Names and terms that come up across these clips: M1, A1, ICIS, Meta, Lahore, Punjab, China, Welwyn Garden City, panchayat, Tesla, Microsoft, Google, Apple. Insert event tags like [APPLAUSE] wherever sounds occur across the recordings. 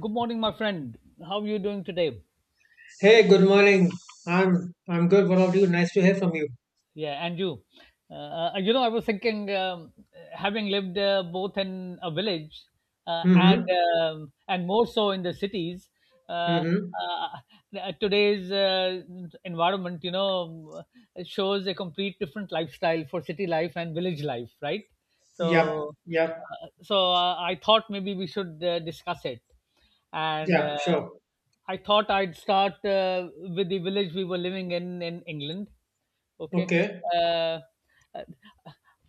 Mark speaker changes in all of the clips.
Speaker 1: Good morning, my friend. How are you doing today?
Speaker 2: Hey, good morning. I'm good. What about you? Nice to hear from you.
Speaker 1: Yeah, and you, uh, I was thinking, having lived both in a village uh, and
Speaker 2: Mm-hmm.
Speaker 1: and more so in the cities. uh,
Speaker 2: Mm-hmm.
Speaker 1: uh, Today's environment, shows a complete different lifestyle for city life and village life, right?
Speaker 2: Yep.
Speaker 1: So,
Speaker 2: Yep.
Speaker 1: so, I thought maybe we should discuss it. and.
Speaker 2: Yeah,
Speaker 1: Uh,
Speaker 2: sure.
Speaker 1: I thought I'd start with the village we were living in England. Okay.
Speaker 2: Okay.
Speaker 1: Uh, uh,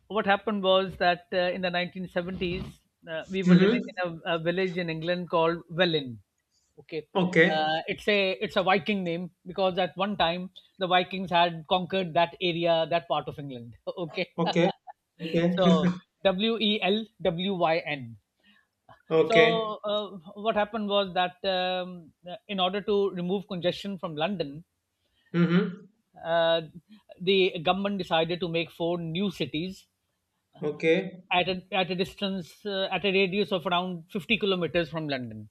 Speaker 1: what happened was that in the 1970s, we were living
Speaker 2: Mm-hmm.
Speaker 1: in a village in England called Welin. Okay.
Speaker 2: Okay.
Speaker 1: It's a Viking name, because at one time the Vikings had conquered that area, that part of England. [LAUGHS] Okay. [LAUGHS]
Speaker 2: Okay. Okay.
Speaker 1: So Welwyn.
Speaker 2: [LAUGHS] Okay.
Speaker 1: So what happened was that, in order to remove congestion from London,
Speaker 2: Mm-hmm.
Speaker 1: uh, the government decided to make four new cities
Speaker 2: Okay.
Speaker 1: at a distance, at a radius of around 50 kilometers from London.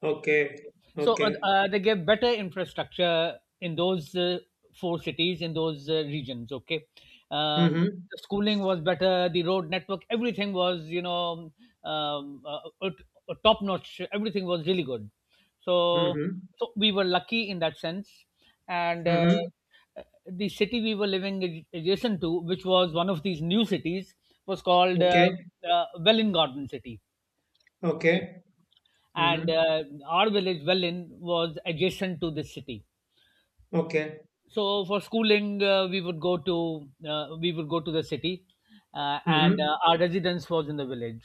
Speaker 2: Okay.
Speaker 1: So uh,
Speaker 2: Okay.
Speaker 1: uh, they gave better infrastructure in those four cities, in those regions. Okay, uh,
Speaker 2: Mm-hmm.
Speaker 1: the schooling was better, the road network, everything was um, uh, top notch. Everything was really good. So,
Speaker 2: Mm-hmm.
Speaker 1: we were lucky in that sense. And
Speaker 2: Mm-hmm.
Speaker 1: the city we were living adjacent to, which was one of these new cities, was called
Speaker 2: Okay.
Speaker 1: Welling Garden City. Okay,
Speaker 2: Okay.
Speaker 1: and
Speaker 2: Mm-hmm.
Speaker 1: our village Wellin was adjacent to this city.
Speaker 2: Okay.
Speaker 1: So for schooling, we would go to the city, uh, and
Speaker 2: Mm-hmm.
Speaker 1: uh, our residence was in the village.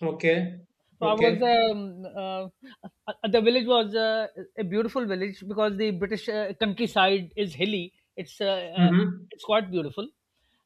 Speaker 2: Okay.
Speaker 1: So I was
Speaker 2: Okay.
Speaker 1: the village was a beautiful village, because the British countryside is hilly.
Speaker 2: Mm-hmm.
Speaker 1: It's quite beautiful,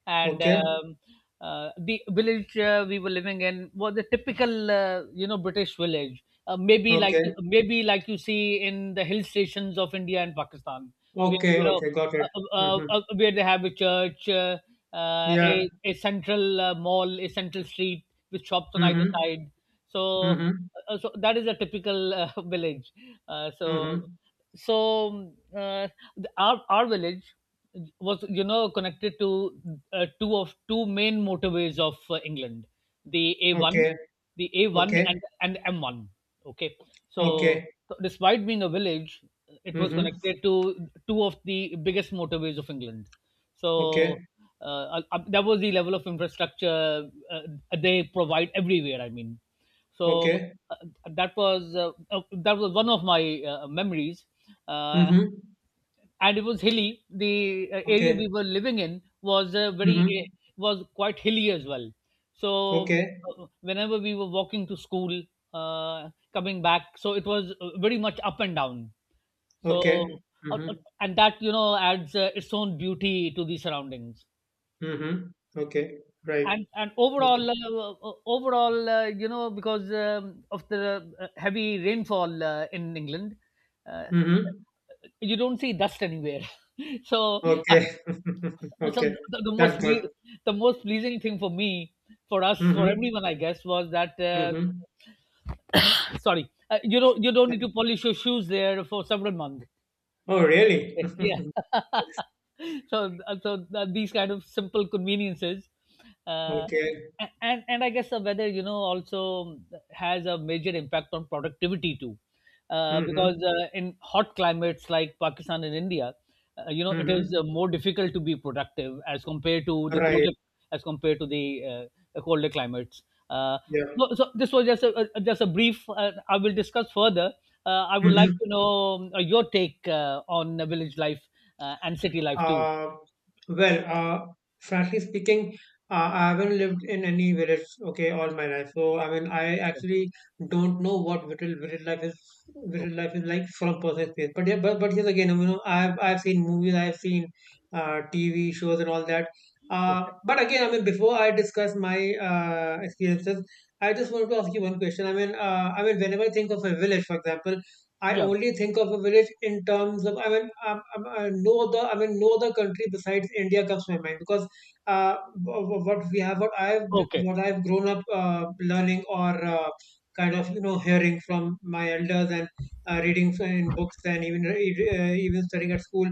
Speaker 1: and
Speaker 2: Okay.
Speaker 1: um, uh, the village we were living in was a typical, British village.
Speaker 2: Okay.
Speaker 1: Maybe like you see in the hill stations of India and Pakistan, where,
Speaker 2: Okay. Okay. Got it.
Speaker 1: uh,
Speaker 2: Mm-hmm.
Speaker 1: where they have a church,
Speaker 2: Yeah.
Speaker 1: a central, mall, a central street with shops on either
Speaker 2: Mm-hmm.
Speaker 1: side, so
Speaker 2: Mm-hmm.
Speaker 1: so that is a typical [LAUGHS] village. uh, so
Speaker 2: Mm-hmm.
Speaker 1: so uh, the- our our village was, connected to, two of two main motorways of England, the A1,
Speaker 2: Okay,
Speaker 1: the A1
Speaker 2: okay,
Speaker 1: and M1. Okay, so,
Speaker 2: okay.
Speaker 1: despite being a village, it was
Speaker 2: Mm-hmm.
Speaker 1: connected to two of the biggest motorways of England.
Speaker 2: Okay,
Speaker 1: So that was the level of infrastructure they provide everywhere, I mean. so
Speaker 2: okay.
Speaker 1: uh, that was, one of my memories. uh,
Speaker 2: Mm-hmm.
Speaker 1: and it was hilly. The area
Speaker 2: Okay.
Speaker 1: we were living in was,
Speaker 2: Mm-hmm.
Speaker 1: was quite hilly as well. so
Speaker 2: Okay.
Speaker 1: uh, whenever we were walking to school, coming back, so it was very much up and down. so
Speaker 2: Okay.
Speaker 1: uh, uh,
Speaker 2: Mm-hmm.
Speaker 1: and that, adds its own beauty to the surroundings.
Speaker 2: Mm-hmm. Okay. Right.
Speaker 1: And overall
Speaker 2: Okay.
Speaker 1: overall because, of the heavy rainfall in England, uh,
Speaker 2: Mm-hmm.
Speaker 1: you don't see dust anywhere. [LAUGHS] so uh,
Speaker 2: Okay. [LAUGHS]
Speaker 1: so
Speaker 2: Okay.
Speaker 1: the, the most
Speaker 2: That's good.
Speaker 1: ple- the most pleasing thing for me, for us, for
Speaker 2: Mm-hmm.
Speaker 1: everyone, I guess, was that,
Speaker 2: Mm-hmm.
Speaker 1: sorry, you don't, need to polish your shoes there for several months.
Speaker 2: Oh, really?
Speaker 1: Okay,
Speaker 2: [LAUGHS]
Speaker 1: yeah. [LAUGHS] So these kind of simple conveniences, uh,
Speaker 2: Okay.
Speaker 1: and I guess the weather, also has a major impact on productivity too. Because,
Speaker 2: Mm-hmm.
Speaker 1: in hot climates like Pakistan and India, you know, it is
Speaker 2: Mm-hmm.
Speaker 1: more difficult to be productive as compared to the
Speaker 2: Right.
Speaker 1: colder, as compared to the colder climates. Uh,
Speaker 2: Yeah.
Speaker 1: so, this was just a just a brief. I will discuss further. I would like
Speaker 2: Mm-hmm.
Speaker 1: to know, your take on village life and city life too.
Speaker 2: Uh, well, frankly speaking, I haven't lived in any village, okay, all my life. So I mean, I actually don't know what village life is. Village
Speaker 1: Okay, okay,
Speaker 2: life is like from personal space. But yeah, but yes, again, you know, I've seen movies, I've seen TV shows and all that.
Speaker 1: okay.
Speaker 2: But again, I mean, before I discuss my experiences, I just wanted to ask you one question. I mean, whenever I think of a village, for example. I
Speaker 1: Yeah.
Speaker 2: only think of a village in terms of I mean no other I mean no other country besides India comes to my mind because uh, what we have
Speaker 1: Okay.
Speaker 2: what I've grown up learning or kind of you know hearing from my elders and reading in books and even even studying at school,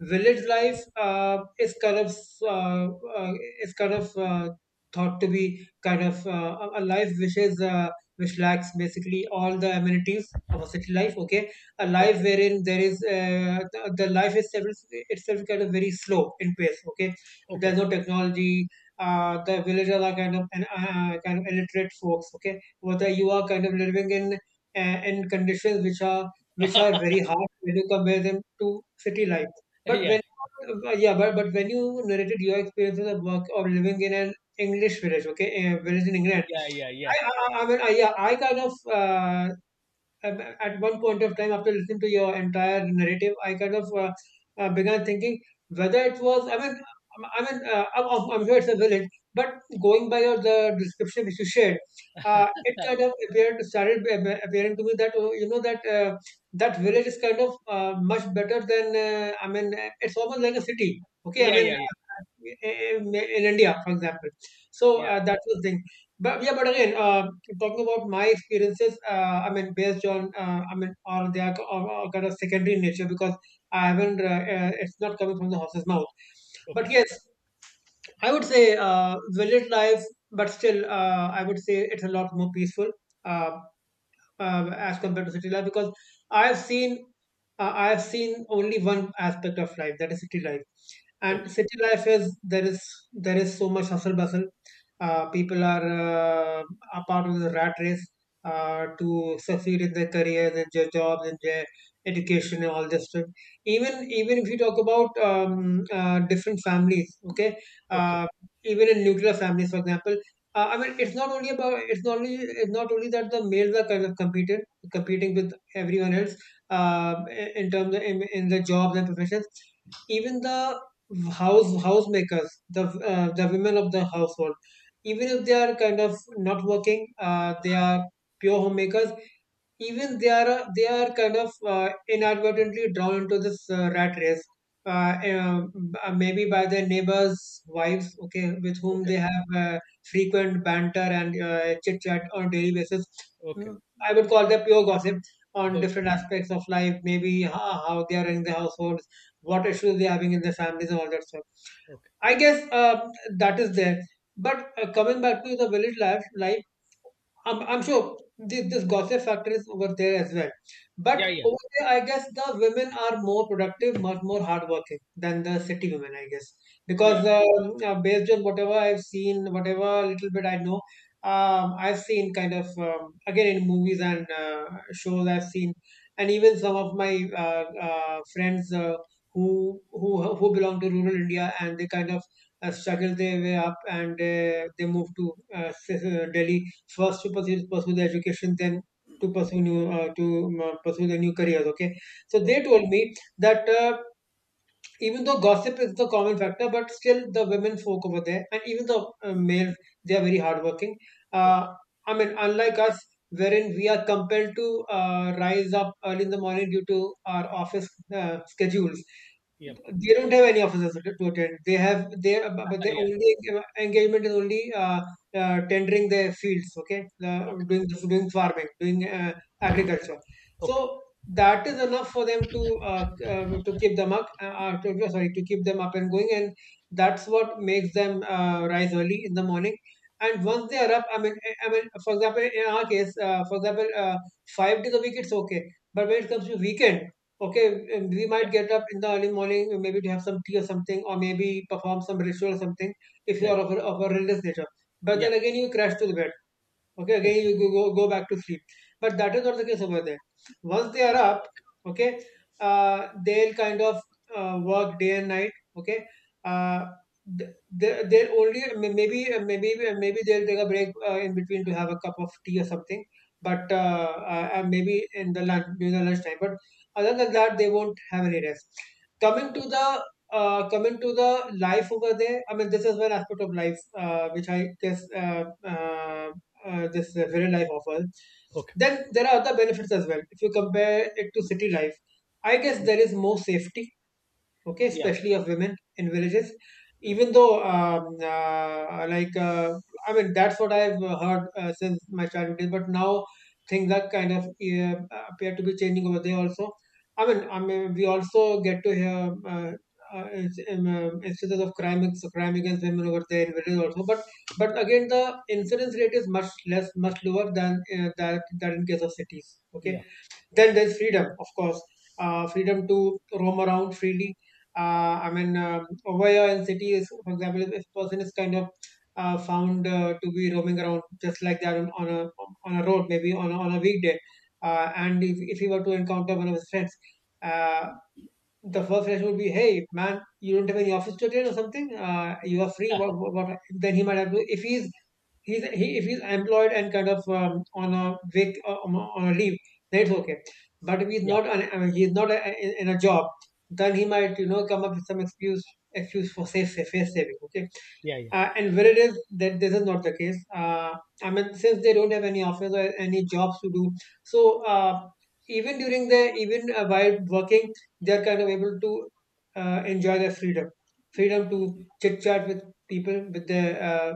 Speaker 2: village life uh, uh, is kind of thought to be kind of a life which is which lacks basically all the amenities of a city life. Okay, a life
Speaker 1: Okay.
Speaker 2: wherein there is the life itself is itself kind of very slow in pace. Okay,
Speaker 1: Okay.
Speaker 2: there's no technology. The villagers are kind of illiterate folks. Okay, whether
Speaker 1: Okay.
Speaker 2: you are kind of living in conditions which are very harsh when you compare them to city life. But
Speaker 1: [LAUGHS] Yeah,
Speaker 2: when yeah, but when you narrated your experiences of work of living in an English village, okay, a village in England,
Speaker 1: yeah, yeah, yeah,
Speaker 2: yeah, I kind of, at at one point of time, after listening to your entire narrative, I kind of began thinking whether it was, I mean, I'm sure it's a village, but going by your the description which you shared, it kind of appeared started appearing to me that oh, you know that that village is kind of much better than I mean, it's almost like a city. Okay, I
Speaker 1: yeah,
Speaker 2: mean,
Speaker 1: yeah, yeah,
Speaker 2: in India, for example. So
Speaker 1: yeah.
Speaker 2: that was the, but yeah, but again, talking about my experiences, I mean, based on, I mean, or they are or kind of secondary in nature because I haven't, it's not coming from the horse's mouth. But
Speaker 1: Okay.
Speaker 2: yes, I would say village life, but still, I would say it's a lot more peaceful. Um as compared to city life because I have seen I have seen only one aspect of life, that is city life, and
Speaker 1: Okay.
Speaker 2: city life is there is so much hustle bustle. People are uh, a part of the rat race to succeed in their careers and their jobs and their education and all this stuff. Even if you talk about different families, okay,
Speaker 1: Okay.
Speaker 2: uh, even in nuclear families, for example, I mean, it's not only about it's not only that the males are kind of competed competing with everyone else in terms of, in the jobs and professions. Even the housemakers, the women of the household, even if they are kind of not working, they are pure homemakers, even they are kind of inadvertently drawn into this rat race, maybe by their neighbors' wives, okay, with whom
Speaker 1: Okay.
Speaker 2: they have frequent banter and chit chat on a daily basis.
Speaker 1: Okay.
Speaker 2: Mm, I would call that pure gossip on
Speaker 1: Okay.
Speaker 2: different aspects of life, maybe how they are running the households, what issues they're having in their families and all that stuff.
Speaker 1: Okay.
Speaker 2: I guess that is there. But coming back to the village life, I'm sure this gossip factor is over there as well.
Speaker 1: Yeah,
Speaker 2: But
Speaker 1: yeah,
Speaker 2: over there, I guess the women are more productive, much more hardworking than the city women, I guess.
Speaker 1: yeah.
Speaker 2: Because based on whatever I've seen, whatever little bit I know, I've seen kind of, again, in movies and shows I've seen, and even some of my friends who belong to rural India, and they kind of struggle their way up and they move to [LAUGHS] Delhi first to pursue the education, then to pursue new to pursue the new careers, okay, so
Speaker 1: Okay.
Speaker 2: they told me that even though gossip is the common factor, but still the women folk over there and even the males, they are very hardworking. uh,
Speaker 1: Okay.
Speaker 2: I mean, unlike us, wherein we are compelled to rise up early in the morning due to our office schedules,
Speaker 1: Yeah.
Speaker 2: they don't have any officers to attend. They have but
Speaker 1: [LAUGHS]
Speaker 2: their
Speaker 1: Yeah.
Speaker 2: only engagement is only tendering their fields. Okay, uh,
Speaker 1: Okay.
Speaker 2: doing doing farming, doing agriculture.
Speaker 1: Okay.
Speaker 2: So that is enough for them to uh, to, keep them up. Sorry, to keep them up and going, and that's what makes them rise early in the morning. And once they are up, I mean, for example, in our case, for example, 5 days a week it's okay, but when it comes to weekend, okay, and we
Speaker 1: Yeah.
Speaker 2: might get up in the early morning, maybe to have some tea or something, or maybe perform some ritual or something if you
Speaker 1: Right.
Speaker 2: are of of a religious nature. But
Speaker 1: Yeah.
Speaker 2: then again, you crash to the bed, okay, again
Speaker 1: Okay.
Speaker 2: you go back to sleep, but that is not the case over there. Once they are up, okay, they'll kind of work day and night, okay, uh, th- they'll only maybe maybe maybe they'll take a break in between to have a cup of tea or something, but maybe in the lunch during the lunch time, but other than that they won't have any rest. Coming to
Speaker 1: Okay.
Speaker 2: the uh, coming to the life over there, I mean, this is one aspect of life which I guess uh, this very life offers.
Speaker 1: Okay.
Speaker 2: Then there are other benefits as well. If you compare it to city life, I guess
Speaker 1: Yeah,
Speaker 2: there is more safety, okay,
Speaker 1: yeah,
Speaker 2: especially of women in villages, even though uh, like uh, I mean, that's what I've heard since my childhood days, but now things are kind of appear to be changing over there also. I mean, we also get to hear instances of crime against women over there in villages also, but again the incidence rate is much less much lower than that in case of cities, okay,
Speaker 1: yeah,
Speaker 2: then there's freedom, of course, freedom to roam around freely. I mean, over here in cities, for example, if a person is kind of found to be roaming around just like that on a road, maybe on on a weekday, and if he were to encounter one of his friends, uh, the first reaction would be, "Hey, man, you don't have any office to attend or something. You are free. What?" Then he might have to, if if he's employed and kind of on a on a leave, then it's okay. But if he's
Speaker 1: yeah, yeah,
Speaker 2: not on, I mean, he's not a, in a job, then he might you know come up with some excuse for safe face saving. Okay,
Speaker 1: yeah, yeah.
Speaker 2: and where it is that this is not the case. I mean, since they don't have any office or any jobs to do, so even during the even while working, they're kind of able to enjoy their freedom, freedom to chit chat with people, with their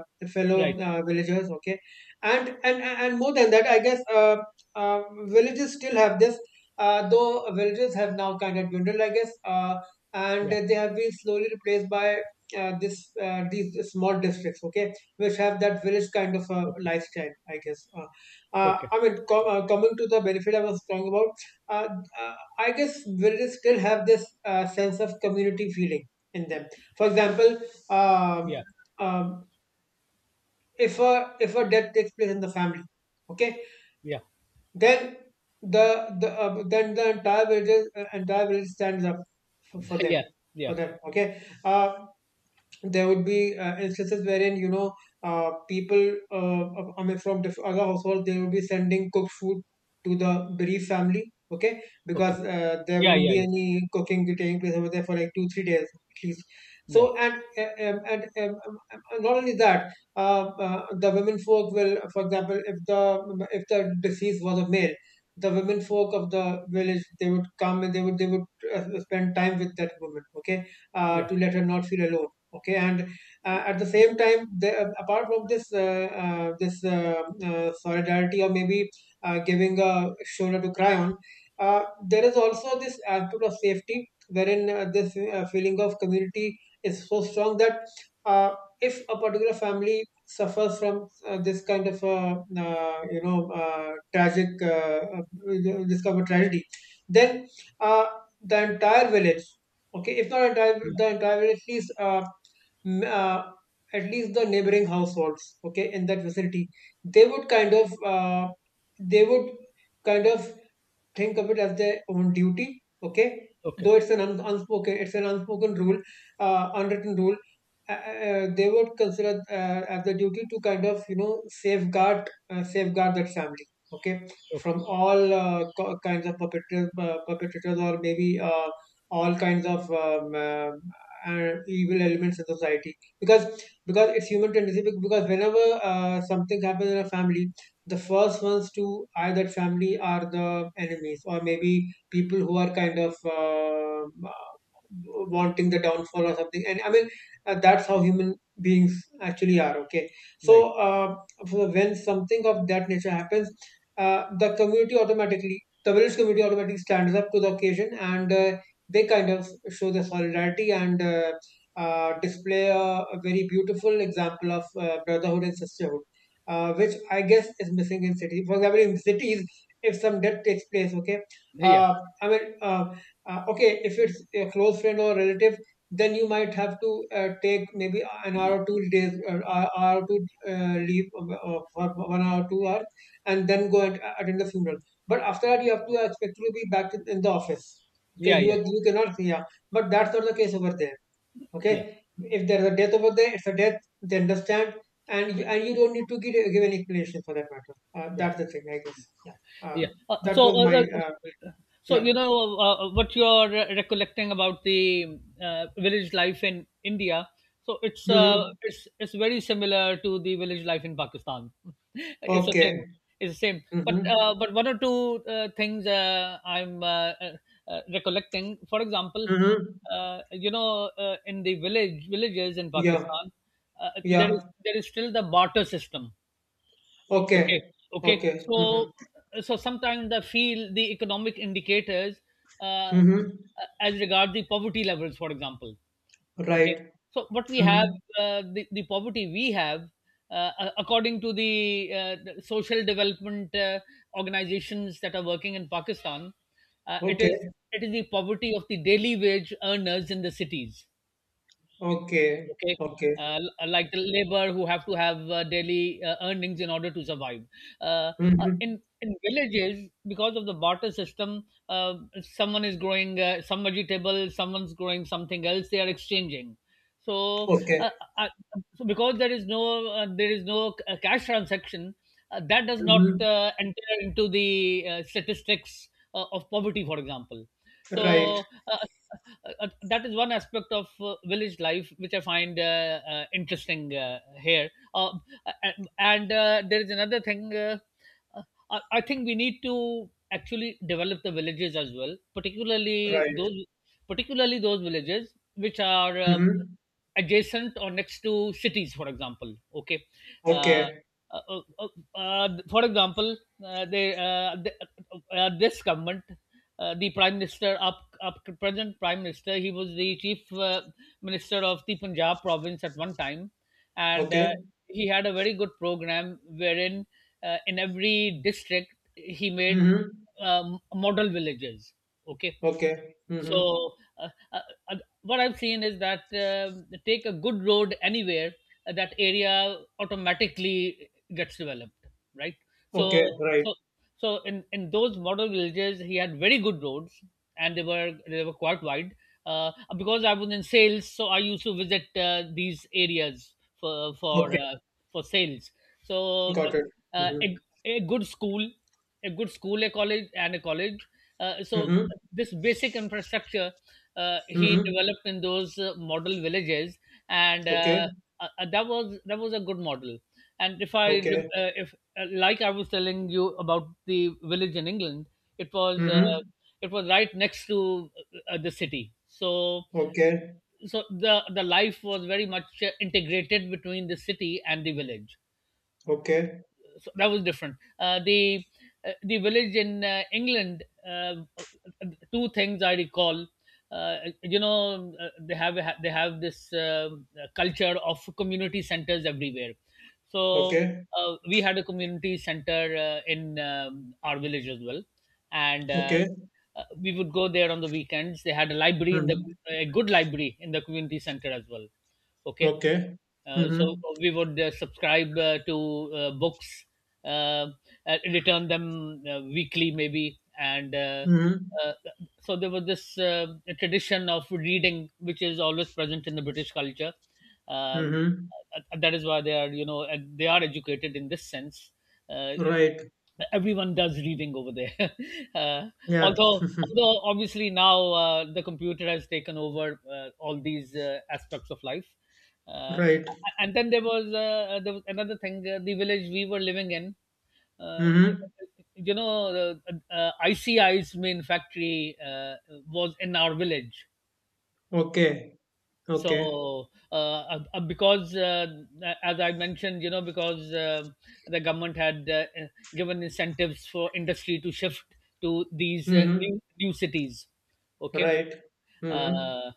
Speaker 1: Right.
Speaker 2: fellow villagers. Okay, and and more than that, I guess villages still have this. Though villages have now kind of dwindled, I guess, and
Speaker 1: Yeah.
Speaker 2: they have been slowly replaced by this these small districts, okay, which have that village kind of a
Speaker 1: Okay.
Speaker 2: lifestyle, I guess.
Speaker 1: Okay.
Speaker 2: I mean, coming to the benefit I was talking about, uh, I guess villages still have this sense of community feeling in them. For example,
Speaker 1: Yeah.
Speaker 2: um, um, if a death takes place in the family, okay,
Speaker 1: Yeah.
Speaker 2: then then the entire village entire village stands up for
Speaker 1: [LAUGHS]
Speaker 2: them
Speaker 1: Yeah. Yeah.
Speaker 2: for them. Okay, there would be instances wherein people I mean, from other households, they would be sending cooked food to the bereaved family, okay,
Speaker 1: Okay.
Speaker 2: because there
Speaker 1: Yeah,
Speaker 2: won't
Speaker 1: yeah,
Speaker 2: be
Speaker 1: yeah,
Speaker 2: any cooking taking place over there for like 2-3 days at least.
Speaker 1: yeah,
Speaker 2: So and Not only that, the women folk will, for example, if the deceased was a male, the women folk of the village, they would come and they would spend time with that woman, okay,
Speaker 1: yeah,
Speaker 2: to let her not feel alone, okay. And at the same time, apart from this solidarity, or maybe giving a shoulder to cry on, there is also this aspect of safety, wherein this feeling of community is so strong that, uh, if a particular family suffers from this kind of you know tragic this kind of tragedy, then uh, the entire village, okay, if not entire,
Speaker 1: yeah.
Speaker 2: the entire village, at least m- uh, at least the neighboring households, okay, in that vicinity, they would they would kind of think of it as their own duty, okay.
Speaker 1: Okay.
Speaker 2: Though it's an unspoken, it's an unspoken rule, unwritten rule, uh, they would consider as the duty to kind of, you know, safeguard safeguard that family, okay,
Speaker 1: Okay.
Speaker 2: from all kinds of perpetrators, perpetrators, or maybe all kinds of evil elements in society. Because it's human tendency, because whenever something happens in a family, the first ones to either family are the enemies, or maybe people who are kind of wanting the downfall or something. And I mean, that's how human beings actually are, okay. So
Speaker 1: Right.
Speaker 2: uh, so when something of that nature happens, the community automatically, the village community automatically stands up to the occasion, and they kind of show their solidarity, and display a very beautiful example of brotherhood and sisterhood, which I guess is missing in city. For example, in cities, if some death takes place, okay,
Speaker 1: Yeah,
Speaker 2: uh, I mean, uh, okay, if it's a close friend or relative, then you might have to take maybe an hour or 2 days, hour hour or two leave for 1 hour, 2 hours, and then go and attend the funeral. But after that, you have to expect to be back in the office. Okay,
Speaker 1: yeah, yeah,
Speaker 2: you are,
Speaker 1: yeah,
Speaker 2: you cannot, yeah, but that's not the case over there. Okay,
Speaker 1: yeah,
Speaker 2: if there's a death over there, it's a death, they understand. And and you don't need to give an explanation for that matter.
Speaker 1: yeah,
Speaker 2: That's the thing, I guess. Yeah. uh,
Speaker 1: yeah.
Speaker 2: that
Speaker 1: So,
Speaker 2: was my
Speaker 1: uh, so
Speaker 2: yeah.
Speaker 1: you know what you're, recollecting about the village life in India. So it's,
Speaker 2: Mm-hmm.
Speaker 1: it's very similar to the village life in Pakistan. [LAUGHS] It's the same.
Speaker 2: Okay.
Speaker 1: It's the same. But,
Speaker 2: Mm-hmm.
Speaker 1: one or two things, I'm, recollecting. For example,
Speaker 2: Mm-hmm.
Speaker 1: you know, in the villages in
Speaker 2: Yeah.
Speaker 1: Pakistan, there is
Speaker 2: Yeah.
Speaker 1: still the barter system. Okay,
Speaker 2: Okay.
Speaker 1: okay.
Speaker 2: Okay. Mm-hmm.
Speaker 1: So, sometimes I feel the economic indicators, uh,
Speaker 2: Mm-hmm.
Speaker 1: as regard the poverty levels, for example. Okay,
Speaker 2: Right.
Speaker 1: so what we have,
Speaker 2: Mm-hmm.
Speaker 1: the poverty we have, according to, the social development organizations that are working in Pakistan, it is,
Speaker 2: Okay.
Speaker 1: the poverty of the daily wage earners in the cities.
Speaker 2: Okay.
Speaker 1: Okay,
Speaker 2: Okay.
Speaker 1: like the labor who have to have daily earnings in order to survive. uh,
Speaker 2: Mm-hmm.
Speaker 1: in villages, because of the barter system, someone is growing some vegetable, someone's growing something else, they are exchanging. So,
Speaker 2: Okay.
Speaker 1: uh, so because there is no, cash transaction, that does not
Speaker 2: Mm-hmm.
Speaker 1: enter into the statistics of poverty, for example.
Speaker 2: Right.
Speaker 1: So that is one aspect of village life which I find, interesting here. And there is another thing. Uh, I think we need to actually develop the villages as well, particularly
Speaker 2: Right.
Speaker 1: those, villages which are,
Speaker 2: Mm-hmm.
Speaker 1: adjacent or next to cities, for example. Okay, uh,
Speaker 2: Okay.
Speaker 1: uh, uh, for example, uh, they, uh, the- this government, the prime minister, up to present prime minister, he was the chief, minister of the Punjab province at one time, and
Speaker 2: Okay.
Speaker 1: he had a very good program wherein, in every district, he made,
Speaker 2: Mm-hmm.
Speaker 1: model villages. Okay,
Speaker 2: Okay. Mm-hmm.
Speaker 1: so, uh, uh, uh, what I've seen is that, take a good road anywhere, that area automatically gets developed, right? so
Speaker 2: Okay. Right.
Speaker 1: so so in those model villages he had very good roads, and they were, quite wide. uh, because I was in sales, so I used to visit these areas for for
Speaker 2: Okay,
Speaker 1: uh, for sales. So,
Speaker 2: got it.
Speaker 1: uh,
Speaker 2: Mm-hmm.
Speaker 1: a, a good school, a college, so
Speaker 2: Mm-hmm.
Speaker 1: this basic infrastructure, he
Speaker 2: Mm-hmm.
Speaker 1: developed in those model villages. And,
Speaker 2: Okay.
Speaker 1: that was a good model. And if i
Speaker 2: Okay.
Speaker 1: rem- uh, if uh, like I was telling you about the village in England, it was,
Speaker 2: Mm-hmm.
Speaker 1: it was right next to, the city. so
Speaker 2: Okay.
Speaker 1: so the the life was very much integrated between the city and the village.
Speaker 2: Okay.
Speaker 1: So that was different. The village in England, uh, two things I recall. Uh, you know, they have, this, culture of community centers everywhere. So,
Speaker 2: Okay.
Speaker 1: we had a community center in, our village as well, and,
Speaker 2: Okay.
Speaker 1: we would go there on the weekends. They had a library in the
Speaker 2: Mm-hmm.
Speaker 1: a good library in the community center as well. Okay,
Speaker 2: Okay.
Speaker 1: so
Speaker 2: Mm-hmm.
Speaker 1: we would subscribe to books, uh, return them weekly maybe, and,
Speaker 2: Mm-hmm.
Speaker 1: uh, so there was this tradition of reading which is always present in the British culture. Um,
Speaker 2: Mm-hmm.
Speaker 1: that is why they are, you know, they are educated in this sense. Uh,
Speaker 2: Right.
Speaker 1: Everyone does reading over there. [LAUGHS] uh,
Speaker 2: Yeah. [LAUGHS]
Speaker 1: although,
Speaker 2: Mm-hmm.
Speaker 1: although obviously now, the computer has taken over all these aspects of life. uh,
Speaker 2: Right.
Speaker 1: and then there was, there was another thing. The village we were living in, uh,
Speaker 2: Mm-hmm.
Speaker 1: you know, icis main factory was in our village.
Speaker 2: Okay. Okay.
Speaker 1: So, because, as I mentioned, you know, because the government had, given incentives for industry to shift to these
Speaker 2: Mm-hmm.
Speaker 1: new cities, okay.
Speaker 2: Right. Mm-hmm.
Speaker 1: uh,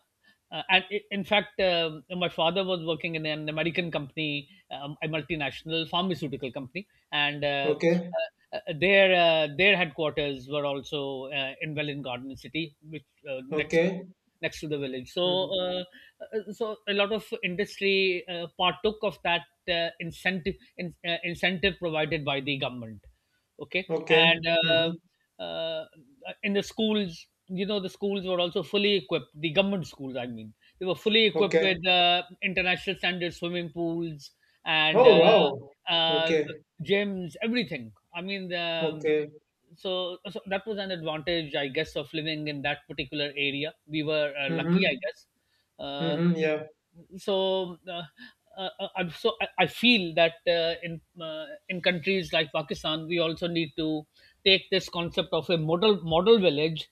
Speaker 1: uh, and i in fact, my father was working in an American company, a multinational pharmaceutical company, and,
Speaker 2: Okay.
Speaker 1: their headquarters were also in Welland Garden City, which, next to,
Speaker 2: Okay.
Speaker 1: the village. So,
Speaker 2: Mm-hmm.
Speaker 1: so a lot of industry partook of that incentive in, incentive provided by the government. Okay,
Speaker 2: Okay.
Speaker 1: and,
Speaker 2: Mm-hmm.
Speaker 1: uh, in the schools, you know, the schools were also fully equipped. The government schools, I mean, they were fully equipped
Speaker 2: Okay.
Speaker 1: with international standard swimming pools and.
Speaker 2: Oh wow.
Speaker 1: Uh,
Speaker 2: Okay.
Speaker 1: gyms, everything. I mean, the, um,
Speaker 2: Okay.
Speaker 1: so, so that was an advantage, I guess, of living in that particular area. We were lucky, I
Speaker 2: Mm-hmm.
Speaker 1: guess. Uh,
Speaker 2: Mm-hmm. Yeah.
Speaker 1: so uh, uh, I feel that in countries like Pakistan, we also need to take this concept of a model village,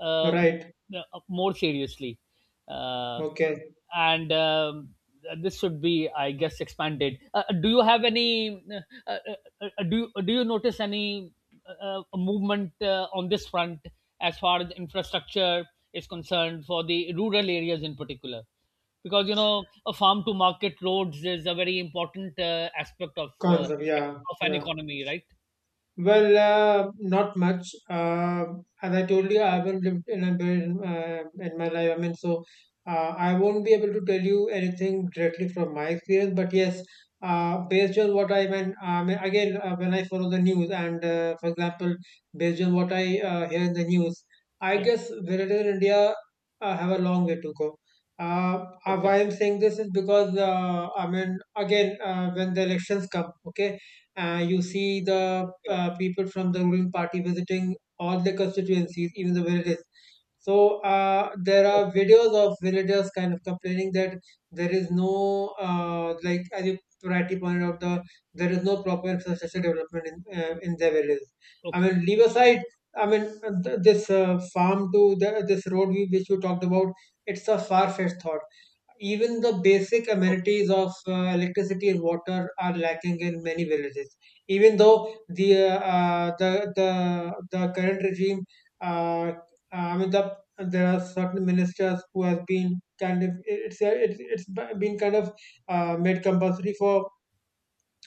Speaker 1: uh,
Speaker 2: Right.
Speaker 1: uh, more seriously, uh,
Speaker 2: Okay.
Speaker 1: and this should be, I guess, expanded. Do you have any? Uh, uh, do you notice any movement on this front as far as infrastructure is concerned for the rural areas in particular? Because you know, a farm to market roads is a very important aspect of
Speaker 2: Concept, yeah,
Speaker 1: of an
Speaker 2: yeah.
Speaker 1: economy, right?
Speaker 2: Well, not much. As I told you, I haven't lived in a bit in my life. I mean, so I won't be able to tell you anything directly from my experience. But yes, based on what I mean again, when I follow the news, and for example, based on what I hear in the news, I
Speaker 1: Yeah.
Speaker 2: guess villagers in India have a long way to go.
Speaker 1: Okay.
Speaker 2: Why I'm saying this is because I mean, again, when the elections come, okay. You see the
Speaker 1: Okay.
Speaker 2: people from the ruling party visiting all the constituencies, even the villages. So there are
Speaker 1: Okay.
Speaker 2: videos of villagers kind of complaining that there is no like, as you rightly pointed out, there is no proper infrastructure development in their villages. I
Speaker 1: Okay.
Speaker 2: mean, leave aside. I mean, this farm to this road which you talked about, it's a far-fetched thought. Even the basic
Speaker 1: Okay.
Speaker 2: amenities of electricity and water are lacking in many villages. Even though the current regime, uh, uh, I mean, there are certain ministers who have been kind of, it's it's been kind of made compulsory for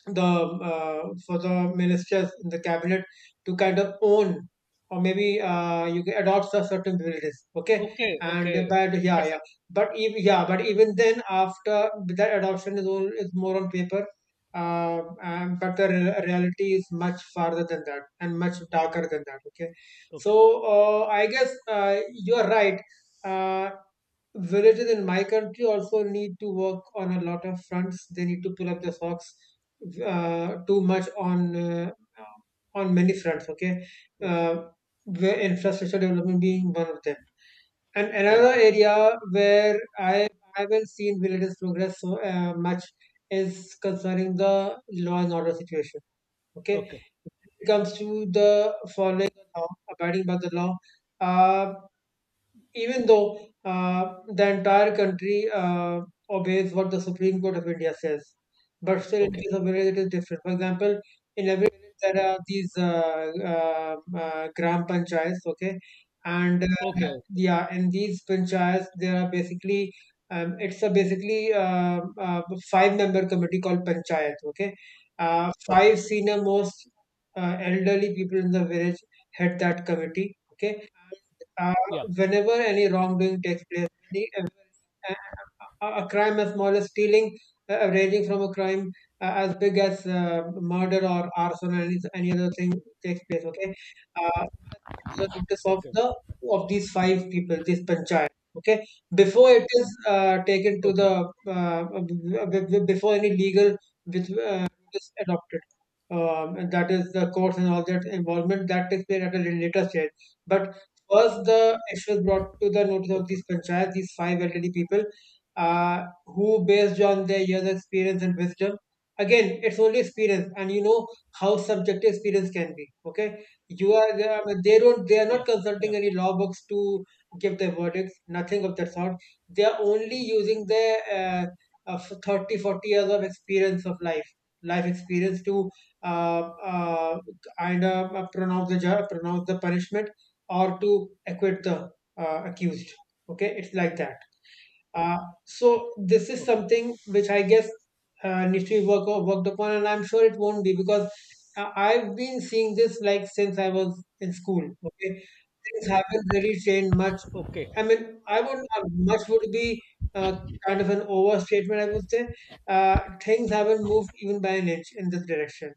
Speaker 2: the ministers in the cabinet to kind of own, or maybe you can adopt a certain privileges, okay,
Speaker 1: Okay.
Speaker 2: and
Speaker 1: Okay.
Speaker 2: but yeah yeah.
Speaker 1: Interesting.
Speaker 2: But if, yeah, but even then, after that adoption is all, is more on paper, but the reality is much farther than that, and much darker than that, okay.
Speaker 1: Okay.
Speaker 2: So I guess you're right. uh, Villages in my country also need to work on a lot of fronts. They need to pull up the socks too much on many fronts. Okay,
Speaker 1: Okay.
Speaker 2: uh, where infrastructure development being one of them. And
Speaker 1: Right.
Speaker 2: another area where I haven't seen villages progress so much is concerning the law and order situation. Okay,
Speaker 1: Okay.
Speaker 2: it comes to the following the law, abiding by the law. Uh, Even though the entire country obeys what the Supreme Court of India says. But still, in
Speaker 1: Okay.
Speaker 2: case of village, it is different. For example, in every village there are these gram panchayats, okay, and
Speaker 1: Okay.
Speaker 2: yeah, in these panchayats there are basically, it's a basically five-member committee called panchayat, okay.
Speaker 1: Okay.
Speaker 2: Five senior most elderly people in the village head that committee, okay. uh,
Speaker 1: Yeah.
Speaker 2: Whenever any wrongdoing takes place, any, uh, uh, a crime as small as stealing, ranging from a crime as big as murder or arson, and any other thing takes place. Okay, uh, the notice of
Speaker 1: Okay.
Speaker 2: the of these five people, this panchayat. Okay, before it is taken to
Speaker 1: Okay.
Speaker 2: the before any legal with is adopted. And that is the courts and all that involvement that takes place at a later stage. But first, the issue was brought to the notice of
Speaker 1: Okay.
Speaker 2: these panchayat, these five elderly people, who, based on their years of experience and wisdom, again, it's only experience, and you know how subjective experience can be. Okay, you are- they don't, they are
Speaker 1: Yeah.
Speaker 2: not consulting
Speaker 1: Yeah.
Speaker 2: any law books to give their verdicts, nothing of that sort. They are only using their uh, of 30, 40 years of experience of life, life experience to uh, uh, kind of pronounce the pronounce the punishment, or to acquit the accused. Okay, it's like that. Uh, so
Speaker 1: Okay.
Speaker 2: this is
Speaker 1: Okay.
Speaker 2: something which I guess needs to be worked upon, and I'm sure it won't be, because I've been seeing this like since I was in school. Okay, things haven't really changed much.
Speaker 1: Okay.
Speaker 2: I
Speaker 1: Okay.
Speaker 2: mean, I would much would be uh, kind of an overstatement. I would say things haven't moved even by an inch in this direction.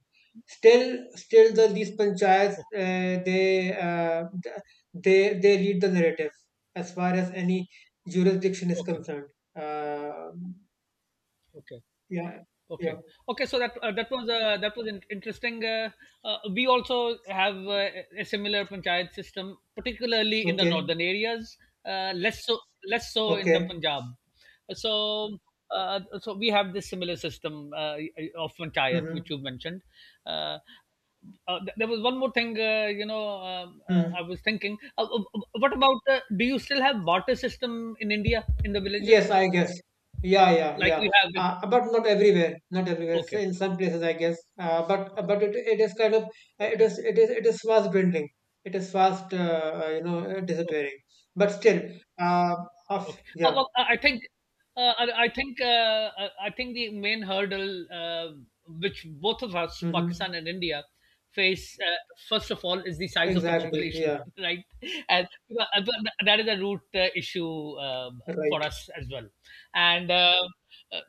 Speaker 2: Still, still the these panchayats they lead the narrative as far as any jurisdiction is
Speaker 1: Okay.
Speaker 2: concerned. Uh,
Speaker 1: Okay.
Speaker 2: yeah, yeah.
Speaker 1: Okay. Okay. So that that was interesting. We also have a similar panchayat system, particularly in the
Speaker 2: Okay,
Speaker 1: northern areas. Uh, less so, less so in the
Speaker 2: okay.
Speaker 1: Punjab. So, so we have this similar system of panchayat,
Speaker 2: Mm-hmm.
Speaker 1: which you mentioned. Uh, there was one more thing, you know,
Speaker 2: Mm.
Speaker 1: I was thinking. What about? Do you still have barter system in India in the villages
Speaker 2: Yes, I guess. Yeah, yeah,
Speaker 1: like
Speaker 2: yeah.
Speaker 1: we have? In,
Speaker 2: But not everywhere. Not everywhere. So
Speaker 1: okay.
Speaker 2: in some places, I guess. But
Speaker 1: Okay.
Speaker 2: but it is kind of, it
Speaker 1: Okay.
Speaker 2: is it is fast dwindling. It is fast, you know,
Speaker 1: Okay.
Speaker 2: disappearing. But still, uh, of
Speaker 1: Okay. Uh,
Speaker 2: yeah.
Speaker 1: well, I I think, I think, I think the main hurdle which both of us,
Speaker 2: Mm-hmm.
Speaker 1: Pakistan and India, face first of all is the size of the
Speaker 2: Exactly.
Speaker 1: population,
Speaker 2: Yeah.
Speaker 1: [LAUGHS] right? And but that is a root issue for
Speaker 2: Right.
Speaker 1: us as well. And uh,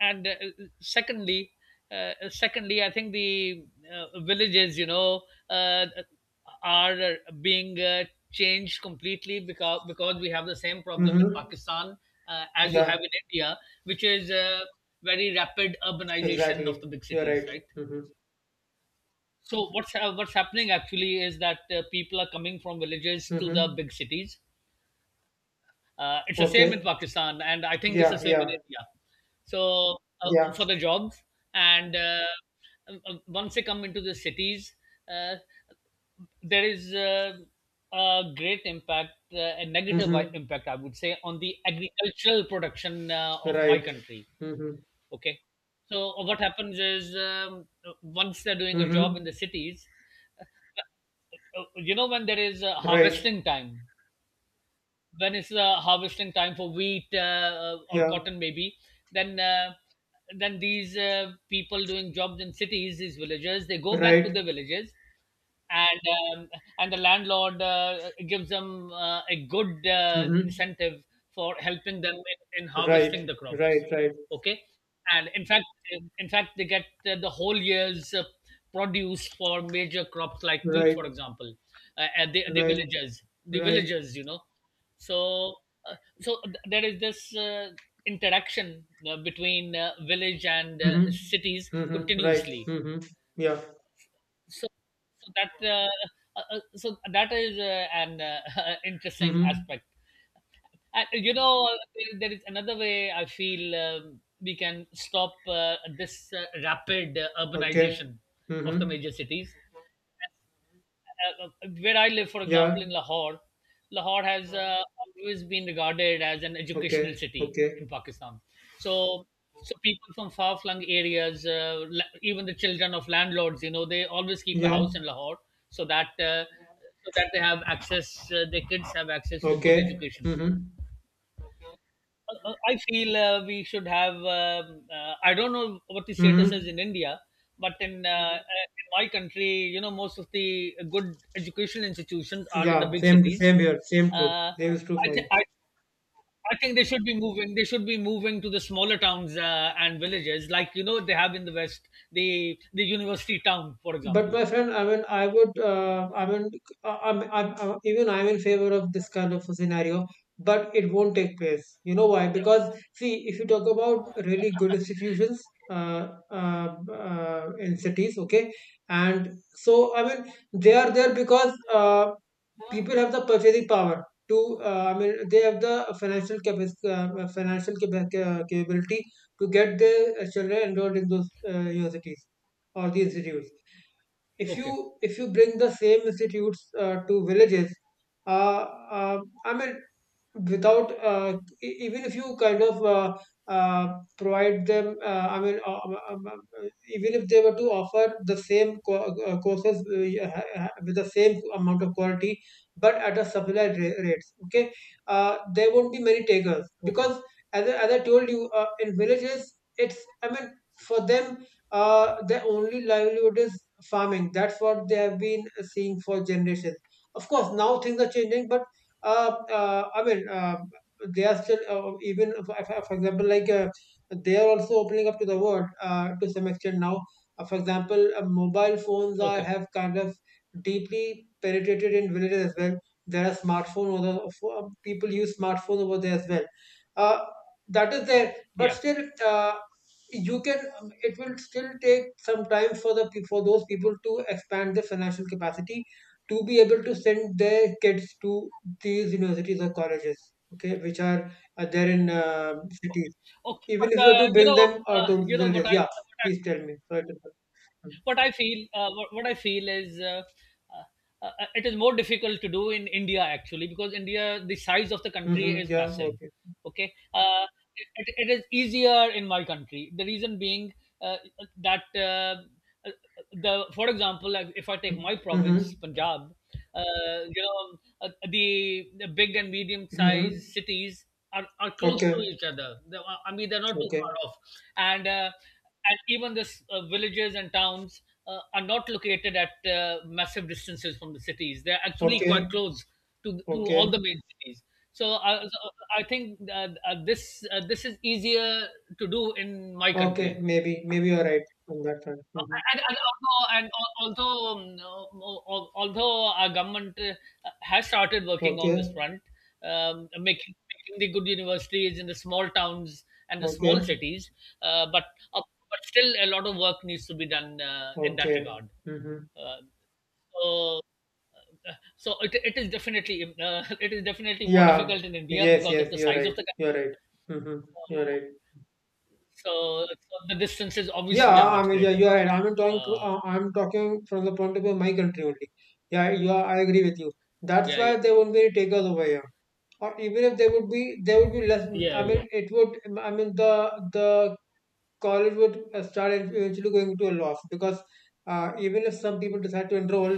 Speaker 1: and uh, secondly, secondly, I think the villages, you know. Uh, are being changed completely because we have the same problem in
Speaker 2: Mm-hmm.
Speaker 1: Pakistan as you
Speaker 2: Yeah.
Speaker 1: have in India, which is very rapid urbanization of
Speaker 2: Exactly.
Speaker 1: the big
Speaker 2: You're
Speaker 1: cities,
Speaker 2: right.
Speaker 1: right?
Speaker 2: Mm-hmm.
Speaker 1: So what's happening actually is that people are coming from villages to the
Speaker 2: Mm-hmm.
Speaker 1: big cities. It's the same in
Speaker 2: Okay.
Speaker 1: Pakistan, and I think it's the
Speaker 2: Yeah.
Speaker 1: same in
Speaker 2: Yeah.
Speaker 1: India. So
Speaker 2: Yeah.
Speaker 1: for the jobs, and once they come into the cities. Uh, there is a great impact, a negative
Speaker 2: Mm-hmm.
Speaker 1: impact, I would say, on the agricultural production of my
Speaker 2: Right.
Speaker 1: country.
Speaker 2: Mm-hmm.
Speaker 1: Okay. So, what happens is once they're doing a job in
Speaker 2: Mm-hmm.
Speaker 1: the cities, uh, you know, when there is
Speaker 2: Right.
Speaker 1: harvesting time, when it's harvesting time for wheat or
Speaker 2: Yeah.
Speaker 1: cotton, maybe, then uh, then these people doing jobs in cities, these villagers, they go back to
Speaker 2: Right.
Speaker 1: their villages and um, and the landlord gives them a good
Speaker 2: Mm-hmm.
Speaker 1: incentive for helping them in
Speaker 2: Right.
Speaker 1: harvesting the crops.
Speaker 2: Right. Right.
Speaker 1: Okay, and in fact, in fact they get the whole year's produce for major crops like wheat,
Speaker 2: Right.
Speaker 1: for example, at the
Speaker 2: Right.
Speaker 1: villages, the
Speaker 2: Right.
Speaker 1: villagers, you know. So uh, so there is this interaction between village and cities
Speaker 2: Mm-hmm. Mm-hmm. Right.
Speaker 1: continuously.
Speaker 2: Mm-hmm. Yeah.
Speaker 1: So so that so that is an [LAUGHS] interesting
Speaker 2: Mm-hmm.
Speaker 1: aspect. And you know, there is another way I feel we can stop this rapid
Speaker 2: Okay.
Speaker 1: urbanization of the
Speaker 2: Mm-hmm.
Speaker 1: major cities where I live, for
Speaker 2: Yeah.
Speaker 1: example, in Lahore. Lahore has always been regarded as an educational
Speaker 2: Okay.
Speaker 1: city
Speaker 2: Okay.
Speaker 1: in Pakistan. So, so people from far-flung areas, even the children of landlords, you know, they always keep a
Speaker 2: Yeah.
Speaker 1: house in Lahore so that so that they have access, their kids have access to good
Speaker 2: Okay.
Speaker 1: education.
Speaker 2: Mm-hmm.
Speaker 1: I feel we should have. I don't know what the status
Speaker 2: Mm-hmm.
Speaker 1: is in India, but in my country, you know, most of the good education institutions are in the
Speaker 2: Yeah.
Speaker 1: big
Speaker 2: Same.
Speaker 1: cities.
Speaker 2: Same here. Same true. Same
Speaker 1: Yeah.
Speaker 2: is true
Speaker 1: I,
Speaker 2: for you.
Speaker 1: th- I, I think they should be moving. They should be moving to the smaller towns and villages, like you know they have in the West, the university town, for
Speaker 2: But
Speaker 1: example.
Speaker 2: my friend, I mean, I would, I mean, I'm, even I'm in favor of this kind of a scenario, but it won't take place. You know why? Because, see, if you talk about really good institutions, in cities, okay, and so I mean, they are there because people have the purchasing power to, I mean, they have the financial capacity, capability to get their children enrolled in those universities or the institutes. if
Speaker 1: Okay,
Speaker 2: you if you bring the same institutes to villages, uh, uh, i mean without— even if you kind of uh, provide them— even if they were to offer the same courses, yeah, with the same amount of quality but at a subsidized rates, okay. There won't be many takers,
Speaker 1: okay,
Speaker 2: because as I told you, in villages it's— for them, their only livelihood is farming. That's what they have been seeing for generations. Of course, now things are changing, but uh, uh, I mean, uh, they are still— even for example, like, they are also opening up to the world to some extent now. For example, mobile phones are—
Speaker 1: okay,
Speaker 2: have kind of deeply penetrated in villages as well. There are smartphone over the, People use smartphone over there as well. Uh, that is there, but
Speaker 1: yeah.
Speaker 2: still, you can— it will still take some time for for those people to expand their financial capacity to be able to send their kids to these universities or colleges, okay, which are there in
Speaker 1: Okay,
Speaker 2: cities,
Speaker 1: okay.
Speaker 2: even
Speaker 1: But
Speaker 2: if you are to
Speaker 1: you
Speaker 2: bring them
Speaker 1: know,
Speaker 2: to villages, yeah. Please tell me. Sorry to interrupt. Mm-hmm.
Speaker 1: what I feel, what I feel is, it is more difficult to do in India actually because India, the size of the country
Speaker 2: Mm-hmm,
Speaker 1: is
Speaker 2: yeah,
Speaker 1: massive.
Speaker 2: okay.
Speaker 1: Okay, it, it is easier in my country. The reason being uh, that uh, the, for example, like, if I take
Speaker 2: Mm-hmm.
Speaker 1: my
Speaker 2: Mm-hmm.
Speaker 1: province, Punjab. You know, the big and medium sized
Speaker 2: Mm-hmm,
Speaker 1: cities are close
Speaker 2: okay.
Speaker 1: to each other. They are- I mean, they're not too
Speaker 2: Okay.
Speaker 1: far off. And, uh, and even the villages and towns are not located at massive distances from the cities. They're actually quite
Speaker 2: Okay.
Speaker 1: close to
Speaker 2: Okay.
Speaker 1: all the main cities. So, I think this is easier to do in my
Speaker 2: Okay,
Speaker 1: country.
Speaker 2: maybe you're right on that front. Mm-hmm.
Speaker 1: And although, and although, although our government has started working on this
Speaker 2: Okay.
Speaker 1: front, making, making the good universities in the small towns and the
Speaker 2: Okay.
Speaker 1: small cities, uh, but uh, but still a lot of work needs to be done in that
Speaker 2: Okay.
Speaker 1: regard.
Speaker 2: Mm-hmm.
Speaker 1: Uh, so, so it is definitely [LAUGHS] it is definitely more
Speaker 2: Yeah.
Speaker 1: difficult in India
Speaker 2: Yes.
Speaker 1: because of
Speaker 2: Yes.
Speaker 1: the
Speaker 2: You're
Speaker 1: size of
Speaker 2: right.
Speaker 1: the
Speaker 2: You're
Speaker 1: country.
Speaker 2: right. Hmm. You're right.
Speaker 1: So, so the distances obviously are
Speaker 2: Yeah. I
Speaker 1: much
Speaker 2: mean, yeah.
Speaker 1: greater.
Speaker 2: You're right.
Speaker 1: Uh,
Speaker 2: I'm talking from the point of view of my country only. Yeah. You are, I agree with you. That's
Speaker 1: yeah,
Speaker 2: why
Speaker 1: yeah,
Speaker 2: there won't be any takers over here. Or even if there would be, there would be less.
Speaker 1: yeah,
Speaker 2: I mean,
Speaker 1: yeah.
Speaker 2: it would. I mean, the the college would start eventually going to a loss, because even if some people decide to enroll,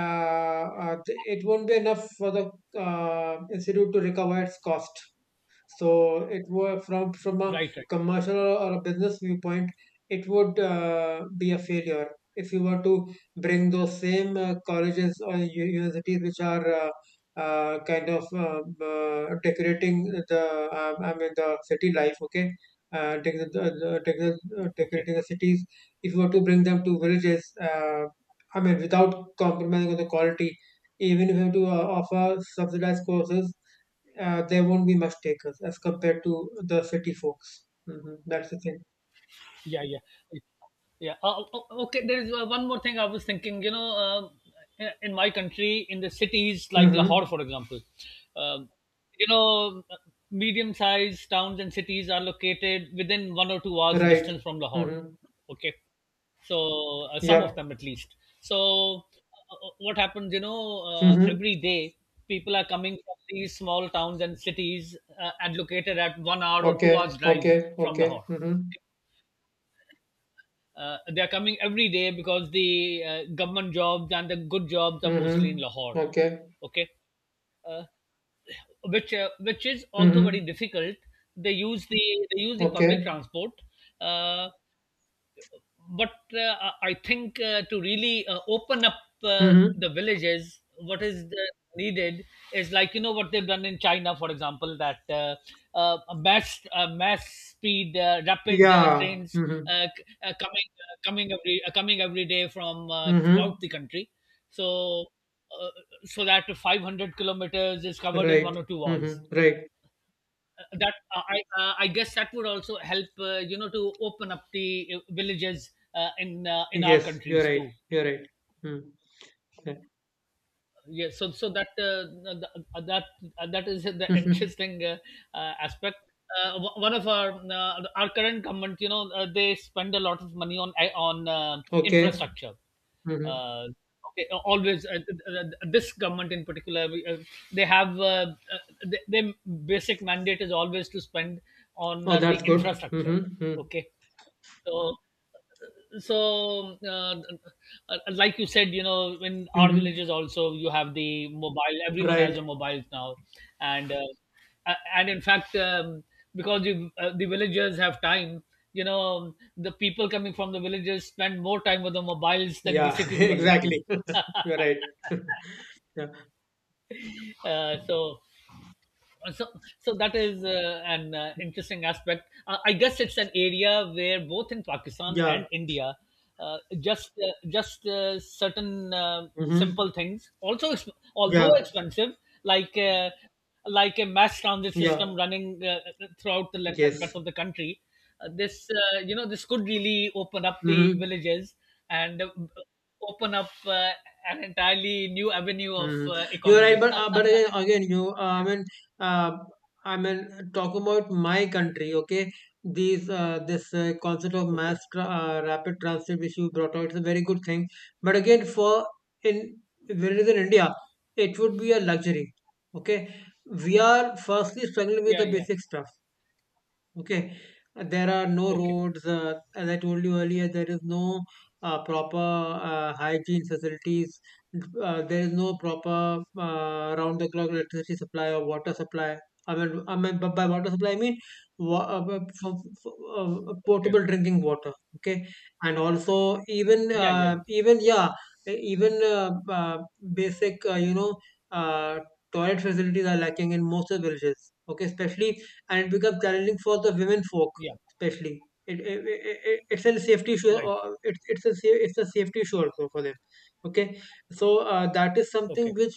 Speaker 2: uh, uh, it won't be enough for the institute to recover its cost. So it was— from a
Speaker 1: Right, right.
Speaker 2: commercial or a business viewpoint, it would be a failure if you were to bring those same colleges or universities which are kind of decorating the— I mean, the city life. Okay, uh, dec- the-
Speaker 1: Okay.
Speaker 2: decorating the cities. If you were to bring them to villages, I mean, without compromising on the quality, even if you have to offer subsidized courses, there won't be much takers as compared to the city folks. Hmm. That's the thing.
Speaker 1: Yeah, yeah, yeah. Okay, there is one more thing I was thinking. You know, in my country, in the cities like Lahore,
Speaker 2: Mm-hmm.
Speaker 1: for example, um, you know, medium-sized towns and cities are located within 1 or 2 hours
Speaker 2: Right.
Speaker 1: distance from Lahore.
Speaker 2: Mm-hmm.
Speaker 1: Okay, so some of
Speaker 2: Yep.
Speaker 1: them at least. So what happens? You know,
Speaker 2: Mm-hmm.
Speaker 1: every day people are coming from these small towns and cities and located at 1 hour or 2 hours
Speaker 2: Okay.
Speaker 1: drive
Speaker 2: Okay.
Speaker 1: from
Speaker 2: Okay.
Speaker 1: Lahore.
Speaker 2: Mm-hmm.
Speaker 1: Okay? They are coming every day because the government jobs and the good jobs are mostly in
Speaker 2: Mm-hmm.
Speaker 1: Lahore.
Speaker 2: Okay.
Speaker 1: Okay, uh, which is also
Speaker 2: Mm-hmm.
Speaker 1: very difficult. They use the they use the public
Speaker 2: Okay.
Speaker 1: transport, uh, but I think to really open up
Speaker 2: Mm-hmm.
Speaker 1: the villages, what is needed is like you know what they've done in China, for example, that mass speed rapid
Speaker 2: Yeah.
Speaker 1: trains
Speaker 2: Mm-hmm.
Speaker 1: coming every day from
Speaker 2: Mm-hmm.
Speaker 1: throughout the country. So uh, so that 500 kilometers is covered in one or
Speaker 2: Right.
Speaker 1: two hours
Speaker 2: Mm-hmm. Right.
Speaker 1: That I guess that would also help you know, to open up the villages in our
Speaker 2: Yes, you're
Speaker 1: countries
Speaker 2: right.
Speaker 1: too.
Speaker 2: You're right. Mm. Yeah.
Speaker 1: Yes, so so that th- that that is [LAUGHS] the
Speaker 2: Mm-hmm.
Speaker 1: interesting aspect. One of our current government, you know, they spend a lot of money on
Speaker 2: Okay.
Speaker 1: infrastructure.
Speaker 2: Mm-hmm.
Speaker 1: Uh, okay, always uh, this government in particular, they have their basic mandate is always to spend on
Speaker 2: Oh,
Speaker 1: the
Speaker 2: that's good.
Speaker 1: infrastructure.
Speaker 2: Mm-hmm. Mm-hmm.
Speaker 1: Okay, so so like you said, you know, in our
Speaker 2: Mm-hmm.
Speaker 1: villages also you have the mobile, everyone has a
Speaker 2: Right.
Speaker 1: mobile now. And and in fact, because the villagers have time, you know, the people coming from the villages spend more time with the mobiles than the
Speaker 2: Yeah,
Speaker 1: city
Speaker 2: [LAUGHS]
Speaker 1: dwellers do.
Speaker 2: exactly.
Speaker 1: [LAUGHS]
Speaker 2: [LAUGHS] You're right. [LAUGHS] Yeah.
Speaker 1: So so so that is an interesting aspect. I guess it's an area where both in Pakistan
Speaker 2: Yeah.
Speaker 1: and India, just certain
Speaker 2: Hmm.
Speaker 1: simple things also although
Speaker 2: Yeah.
Speaker 1: expensive, like uh, like a mass transit
Speaker 2: Yeah.
Speaker 1: system running throughout the length and breadth
Speaker 2: Yes.
Speaker 1: of the country. This you know, this could really open up the
Speaker 2: Hmm.
Speaker 1: villages and open up an entirely new avenue of
Speaker 2: Hmm. You're right,
Speaker 1: economy.
Speaker 2: but
Speaker 1: [LAUGHS]
Speaker 2: again, you uh, I mean, talk about my country, okay? These this concept of
Speaker 1: Okay,
Speaker 2: mass tra rapid transit which you brought out is a very good thing. But again, for in where it is in India, it would be a luxury, okay? We are firstly struggling with
Speaker 1: yeah,
Speaker 2: the
Speaker 1: yeah,
Speaker 2: basic stuff. Okay. There are no
Speaker 1: okay.
Speaker 2: roads. As I told you earlier, there is no proper hygiene facilities. There is no proper round the clock electricity supply or water supply. I mean, but by water supply, I mean wa- uh, uh, f-
Speaker 1: Okay.
Speaker 2: potable drinking water. Okay, and also, even
Speaker 1: Yeah, yeah, yeah.
Speaker 2: yeah, e- even basic uh, toilet facilities are lacking in most of the villages. Okay, especially— and become challenging for the women folk,
Speaker 1: Yeah.
Speaker 2: especially. It, it's a safety issue.
Speaker 1: Right.
Speaker 2: Or it's a safety issue also for them. Okay, so that is something
Speaker 1: Okay.
Speaker 2: which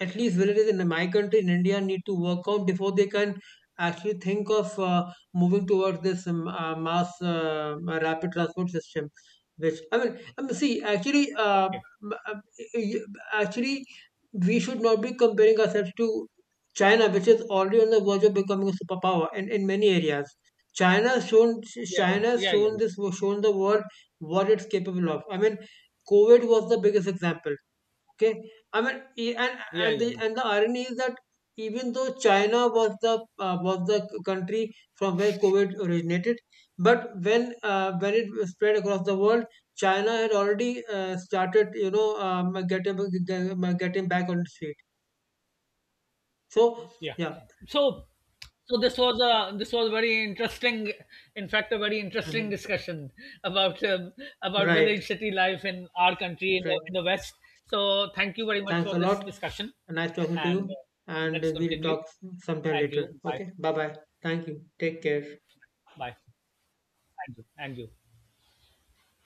Speaker 2: at least villages in my country, in India, need to work out before they can actually think of moving towards this mass rapid transport system. Which— I mean, I mean, see, actually,
Speaker 1: Okay.
Speaker 2: m- uh, y- actually, we should not be comparing ourselves to China, which is already on the verge of becoming a superpower in— many areas. China has shown
Speaker 1: Yeah.
Speaker 2: China has
Speaker 1: Yeah.
Speaker 2: shown
Speaker 1: Yeah.
Speaker 2: this shown the world what it's capable of. I mean, COVID was the biggest example. Okay, I mean e- and
Speaker 1: Yeah.
Speaker 2: and the
Speaker 1: Yeah. Yeah.
Speaker 2: and the irony is that, even though China was the— country from where COVID originated, but when when it spread across the world, China had already started, you know, getting getting back on its feet. So
Speaker 1: Yeah.
Speaker 2: yeah.
Speaker 1: So, so this was a this was very interesting. In fact, a very interesting
Speaker 2: Mhm.
Speaker 1: discussion about um, about
Speaker 2: Right.
Speaker 1: village city life in our country,
Speaker 2: Right.
Speaker 1: in the West. So, thank you very much
Speaker 2: Thanks
Speaker 1: for
Speaker 2: a lot.
Speaker 1: this discussion,
Speaker 2: Nice talking to you.
Speaker 1: and
Speaker 2: And
Speaker 1: let's
Speaker 2: we'll
Speaker 1: continue.
Speaker 2: talk sometime
Speaker 1: And
Speaker 2: later.
Speaker 1: you, bye,
Speaker 2: Okay. Bye, bye. Thank you. Take care.
Speaker 1: bye, and you, and you.